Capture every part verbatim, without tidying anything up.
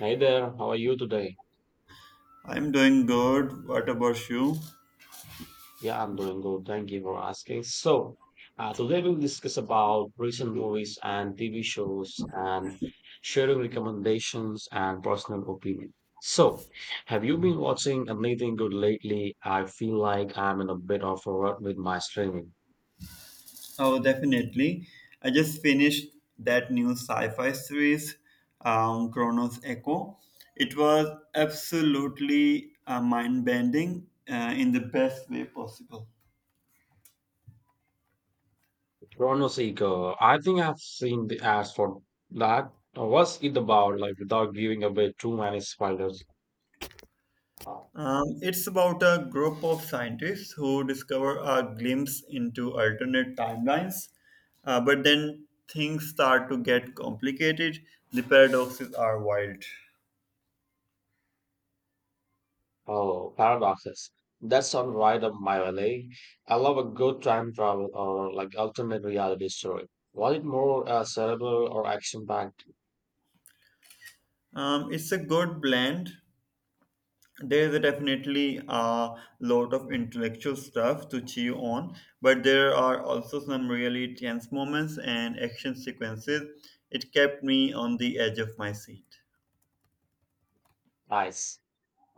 Hey there, how are you today? I'm doing good. What about you? Yeah, I'm doing good. Thank you for asking. So, uh, today we'll discuss about recent movies and T V shows and sharing recommendations and personal opinion. So, have you been watching anything good lately? I feel like I'm in a bit of a rut with my streaming. Oh, definitely. I just finished that new sci-fi series, um, Chronos Echo. It was absolutely uh, mind-bending uh, in the best way possible. Chrono Seeker, I think I've seen the ads for that. Uh, What's it about? Like, without giving away too many spoilers. Um, it's about a group of scientists who discover a glimpse into alternate timelines, uh, but then things start to get complicated. The paradoxes are wild. Oh, paradoxes. That sounds right up my alley. I love a good time travel or like alternate reality story. Was it more uh, cerebral or action-packed? Um, it's a good blend. There is definitely a lot of intellectual stuff to chew on, but there are also some really tense moments and action sequences. It kept me on the edge of my seat. Nice.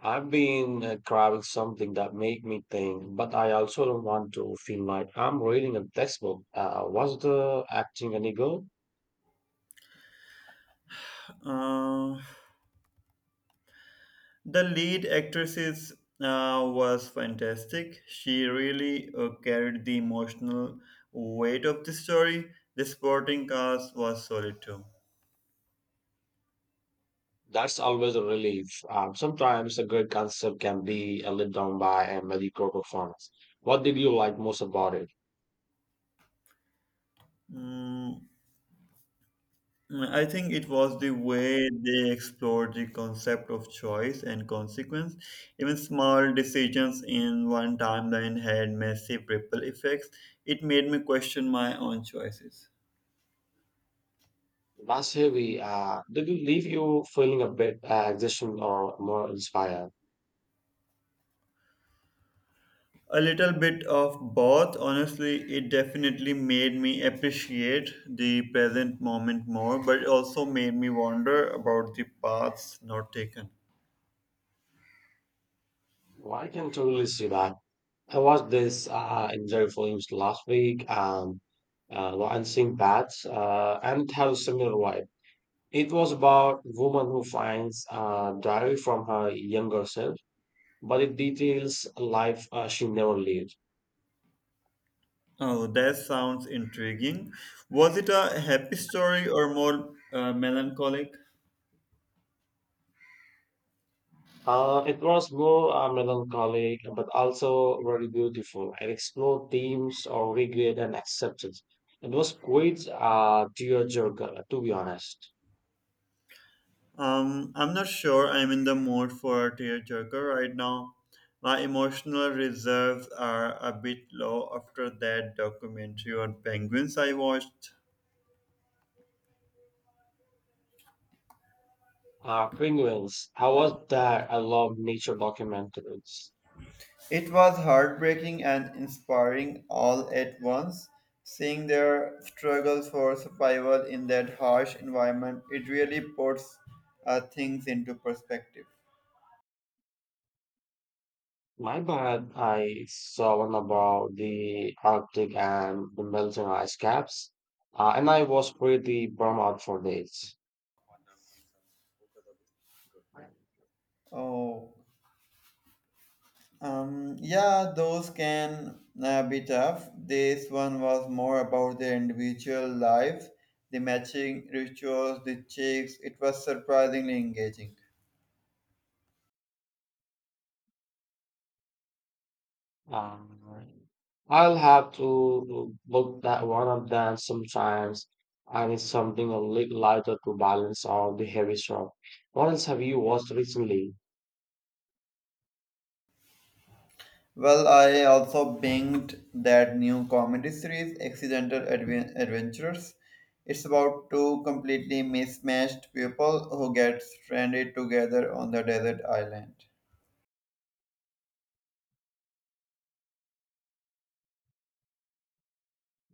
I've been uh, craving something that make me think, but I also don't want to feel like I'm reading a textbook. Uh, was the acting any good? Uh, the lead actresses uh, was fantastic. She really uh, carried the emotional weight of the story. The supporting cast was solid too. That's always a relief. Um, sometimes a great concept can be uh, let down by a mediocre performance. What did you like most about it? Mm, I think it was the way they explored the concept of choice and consequence. Even small decisions in one timeline had massive ripple effects. It made me question my own choices. That's heavy. Uh, did it leave you feeling a bit uh, exhausted or more inspired? A little bit of both, honestly. It definitely made me appreciate the present moment more, but it also made me wonder about the paths not taken. Well, I can totally see that. I watched this uh, enjoy films last week, um, uh, and seeing that, uh, and it had a similar vibe. It was about a woman who finds a diary from her younger self, but it details a life uh, she never lived. Oh, that sounds intriguing. Was it a happy story or more uh, melancholic? Uh, it was more uh, melancholic, but also very beautiful. It explored themes of regret and acceptance. It was quite uh, tearjerker, to be honest. Um, I'm not sure I'm in the mood for a tearjerker right now. My emotional reserves are a bit low after that documentary on penguins I watched. Uh, Penguins, I was there. I love nature documentaries. It was heartbreaking and inspiring all at once. Seeing their struggle for survival in that harsh environment, it really puts uh, things into perspective. My bad, I saw one about the Arctic and the melting ice caps, uh, and I was pretty bummed out for days. Oh. Um, yeah, those can uh, be tough. This one was more about their individual lives, the matching rituals, the chicks. It was surprisingly engaging. Uh, I'll have to book that one of them sometimes. I need something a little lighter to balance out the heavy stuff. What else have you watched recently? Well, I also binged that new comedy series, Accidental Adven- Adventurers. It's about two completely mismatched people who get stranded together on the desert island.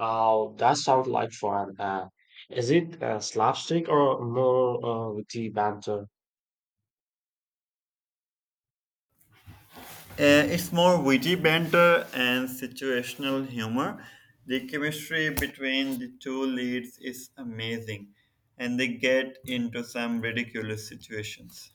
Oh, that sounds like fun. Uh, is it uh, slapstick or more uh, witty banter? Uh, it's more witty banter and situational humor. The chemistry between the two leads is amazing, and they get into some ridiculous situations.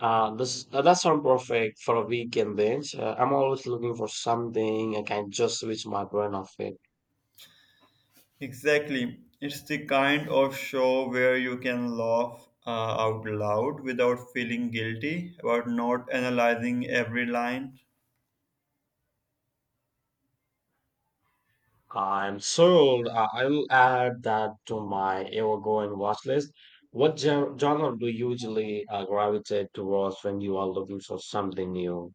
Uh, this uh, That sounds perfect for a weekend binge. Uh, I'm always looking for something I can just switch my brain off it. Exactly. It's the kind of show where you can laugh uh, out loud without feeling guilty about not analyzing every line. I'm sold. Uh, I will add that to my ever-going watch list. What gen genre do you usually uh, gravitate towards when you are looking for something new?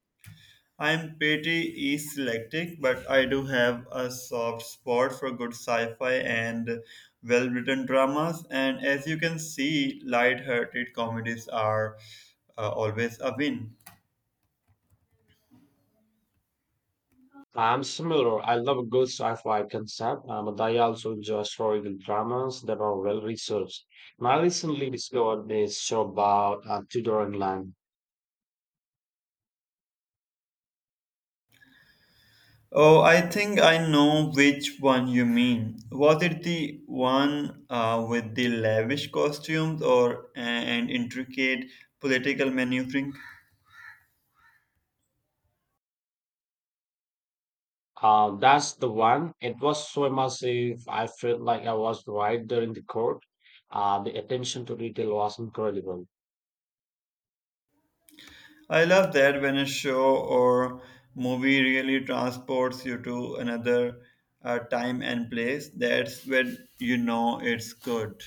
I'm pretty eclectic, but I do have a soft spot for good sci-fi and well-written dramas. And as you can see, light-hearted comedies are uh, always a win. I'm similar. I love a good sci-fi concept, uh, but I also enjoy historical dramas that are well researched. And I recently discovered this show about uh, Tudor England. Oh, I think I know which one you mean. Was it the one uh, with the lavish costumes or and intricate political maneuvering? Uh, that's the one. It was so immersive. I felt like I was right there in the court. Uh, the attention to detail was incredible. I love that when a show or movie really transports you to another uh, time and place. That's when you know it's good.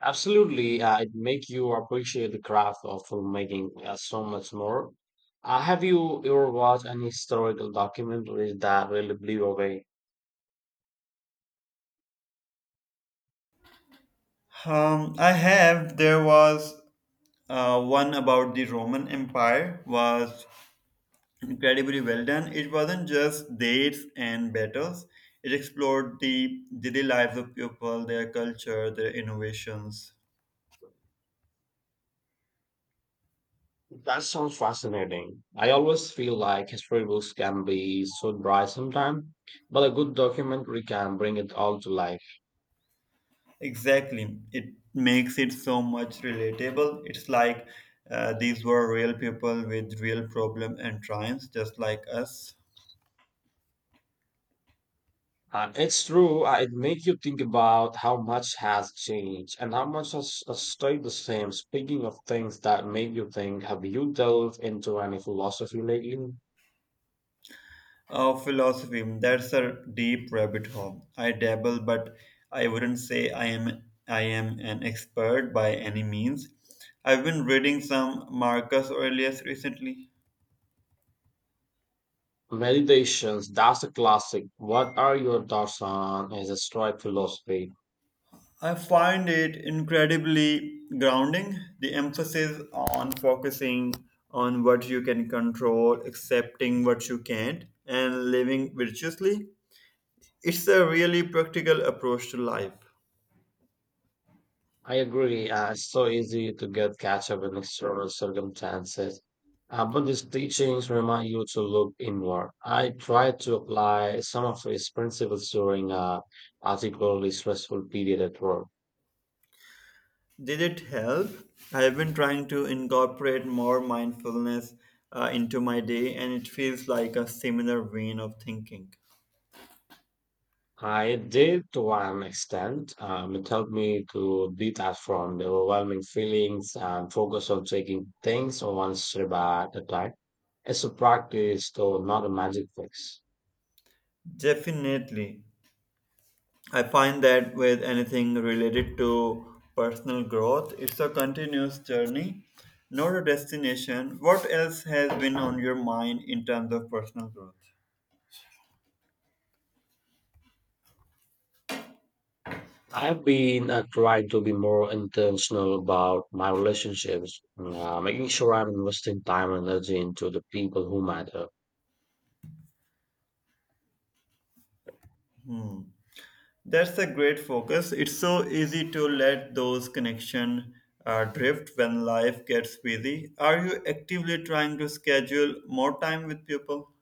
Absolutely, uh, it makes you appreciate the craft of filmmaking uh, so much more. Uh, have you ever watched any historical documentary that really blew you away? Um, I have. There was uh, one about the Roman Empire. Was incredibly well done. It wasn't just dates and battles. It explored the daily lives of people, their culture, their innovations. That sounds fascinating. I always feel like history books can be so dry sometimes, but a good documentary can bring it all to life. Exactly. It makes it so much relatable. It's like uh, these were real people with real problem and triumphs, just like us. And it's true, uh, it makes you think about how much has changed and how much has, has stayed the same. Speaking of things that make you think, have you delved into any philosophy lately? Uh, philosophy. That's a deep rabbit hole. I dabble, but I wouldn't say I am I am an expert by any means. I've been reading some Marcus Aurelius recently. Meditations, that's a classic. What are your thoughts on his stoic philosophy? I find it incredibly grounding, the emphasis on focusing on what you can control, accepting what you can't, and living virtuously. It's a really practical approach to life. I agree. Uh, it's so easy to get catch up in external circumstances. Uh, but these teachings remind you to look inward. I tried to apply some of his principles during a particularly stressful period at work. Did it help? I've been trying to incorporate more mindfulness uh, into my day, and it feels like a similar vein of thinking. I did to one extent. Um, it helped me to detach from the overwhelming feelings and focus on taking things one step at a time. It's a practice, though not a magic fix. Definitely. I find that with anything related to personal growth, it's a continuous journey, not a destination. What else has been on your mind in terms of personal growth? I've been uh, trying to be more intentional about my relationships, uh, making sure I'm investing time and energy into the people who matter. That's a great focus. It's so easy to let those connections uh, drift when life gets busy. Are you actively trying to schedule more time with people?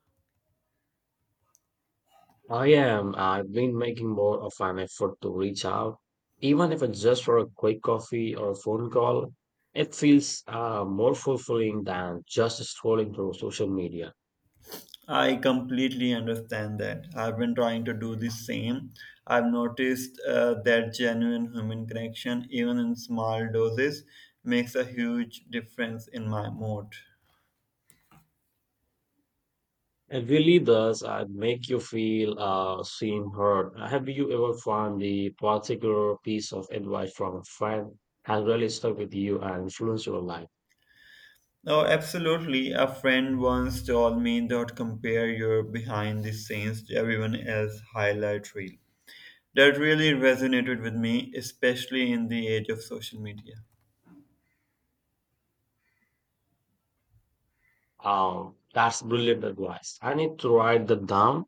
I am. I've been making more of an effort to reach out, even if it's just for a quick coffee or a phone call. It feels uh, more fulfilling than just scrolling through social media. I completely understand that. I've been trying to do the same. I've noticed uh, that genuine human connection, even in small doses, makes a huge difference in my mood. It really does uh, make you feel uh, seen, heard. Have you ever found the particular piece of advice from a friend has really stuck with you and influenced your life? Oh, absolutely. A friend once told me, don't compare your behind the scenes to everyone else's highlight reel. That really resonated with me, especially in the age of social media. Um, that's brilliant advice. I need to write that down.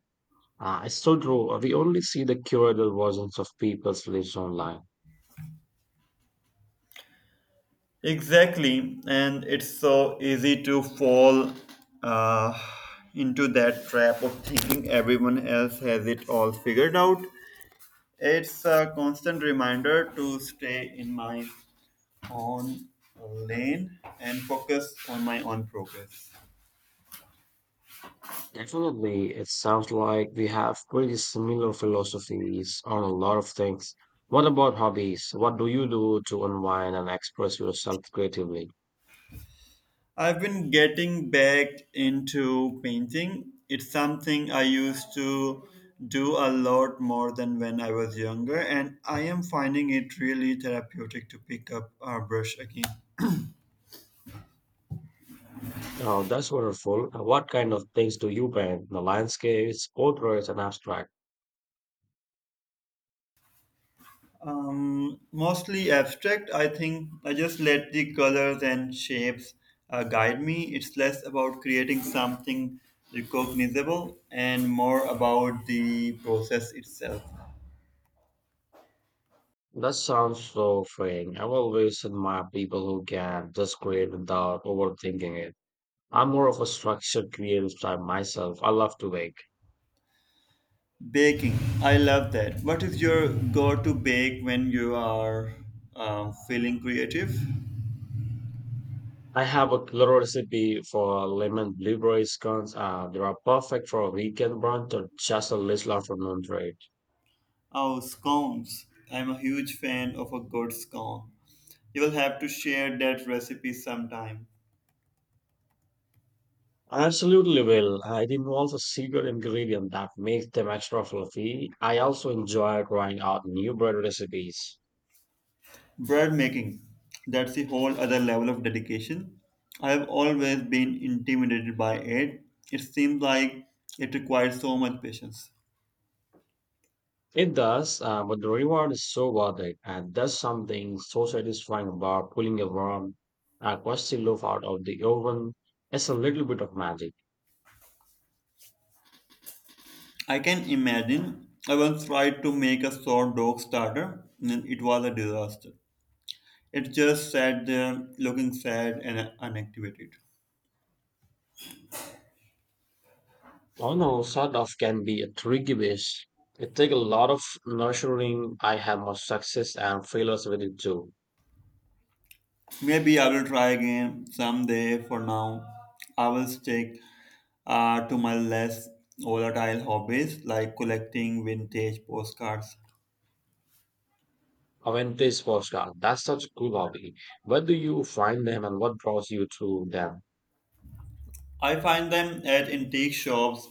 Uh, it's so true. Uh, We only see the curated versions of people's lives online. Exactly, and it's so easy to fall uh, into that trap of thinking everyone else has it all figured out. It's a constant reminder to stay in my own lane and focus on my own progress. Definitely, it sounds like we have pretty similar philosophies on a lot of things. What about hobbies? What do you do to unwind and express yourself creatively? I've been getting back into painting. It's something I used to do a lot more than when I was younger, and I am finding it really therapeutic to pick up a brush again. Oh, that's wonderful. Uh, What kind of things do you paint? The landscapes, portraits, and abstract. Um, mostly abstract, I think. I just let the colors and shapes uh, guide me. It's less about creating something recognizable and more about the process itself. That sounds so freeing. I've always admired people who can just create without overthinking it. I'm more of a structured creative type myself. I love to bake. Baking, I love that. What is your go-to bake when you are uh, feeling creative? I have a little recipe for lemon blueberry scones. Uh, they are perfect for a weekend brunch or just a little afternoon treat. Oh, scones. I'm a huge fan of a good scone. You will have to share that recipe sometime. I absolutely will. Uh, It involves a secret ingredient that makes them extra fluffy. I also enjoy trying out new bread recipes. Bread making, that's a whole other level of dedication. I've always been intimidated by it. It seems like it requires so much patience. It does, uh, but the reward is so worth it, and there's something so satisfying about pulling a warm, uh, crusty loaf out of the oven. It's a little bit of magic. I can imagine. I once tried to make a sourdough starter and it was a disaster. It just sat there looking sad and unactivated. Although sort of can be a tricky dish. It takes a lot of nurturing. I have my success and failures with it too. Maybe I will try again someday. For now, I will stick uh, to my less volatile hobbies like collecting vintage postcards. Aventis postcard. That's such a cool hobby. Where do you find them and what draws you to them? I find them at antique shops,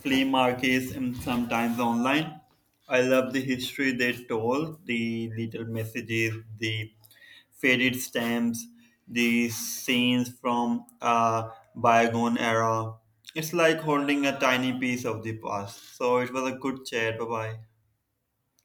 flea markets, and sometimes online. I love the history they told, the little messages, the faded stamps, the scenes from a bygone era. It's like holding a tiny piece of the past. So it was a good chat. Bye bye.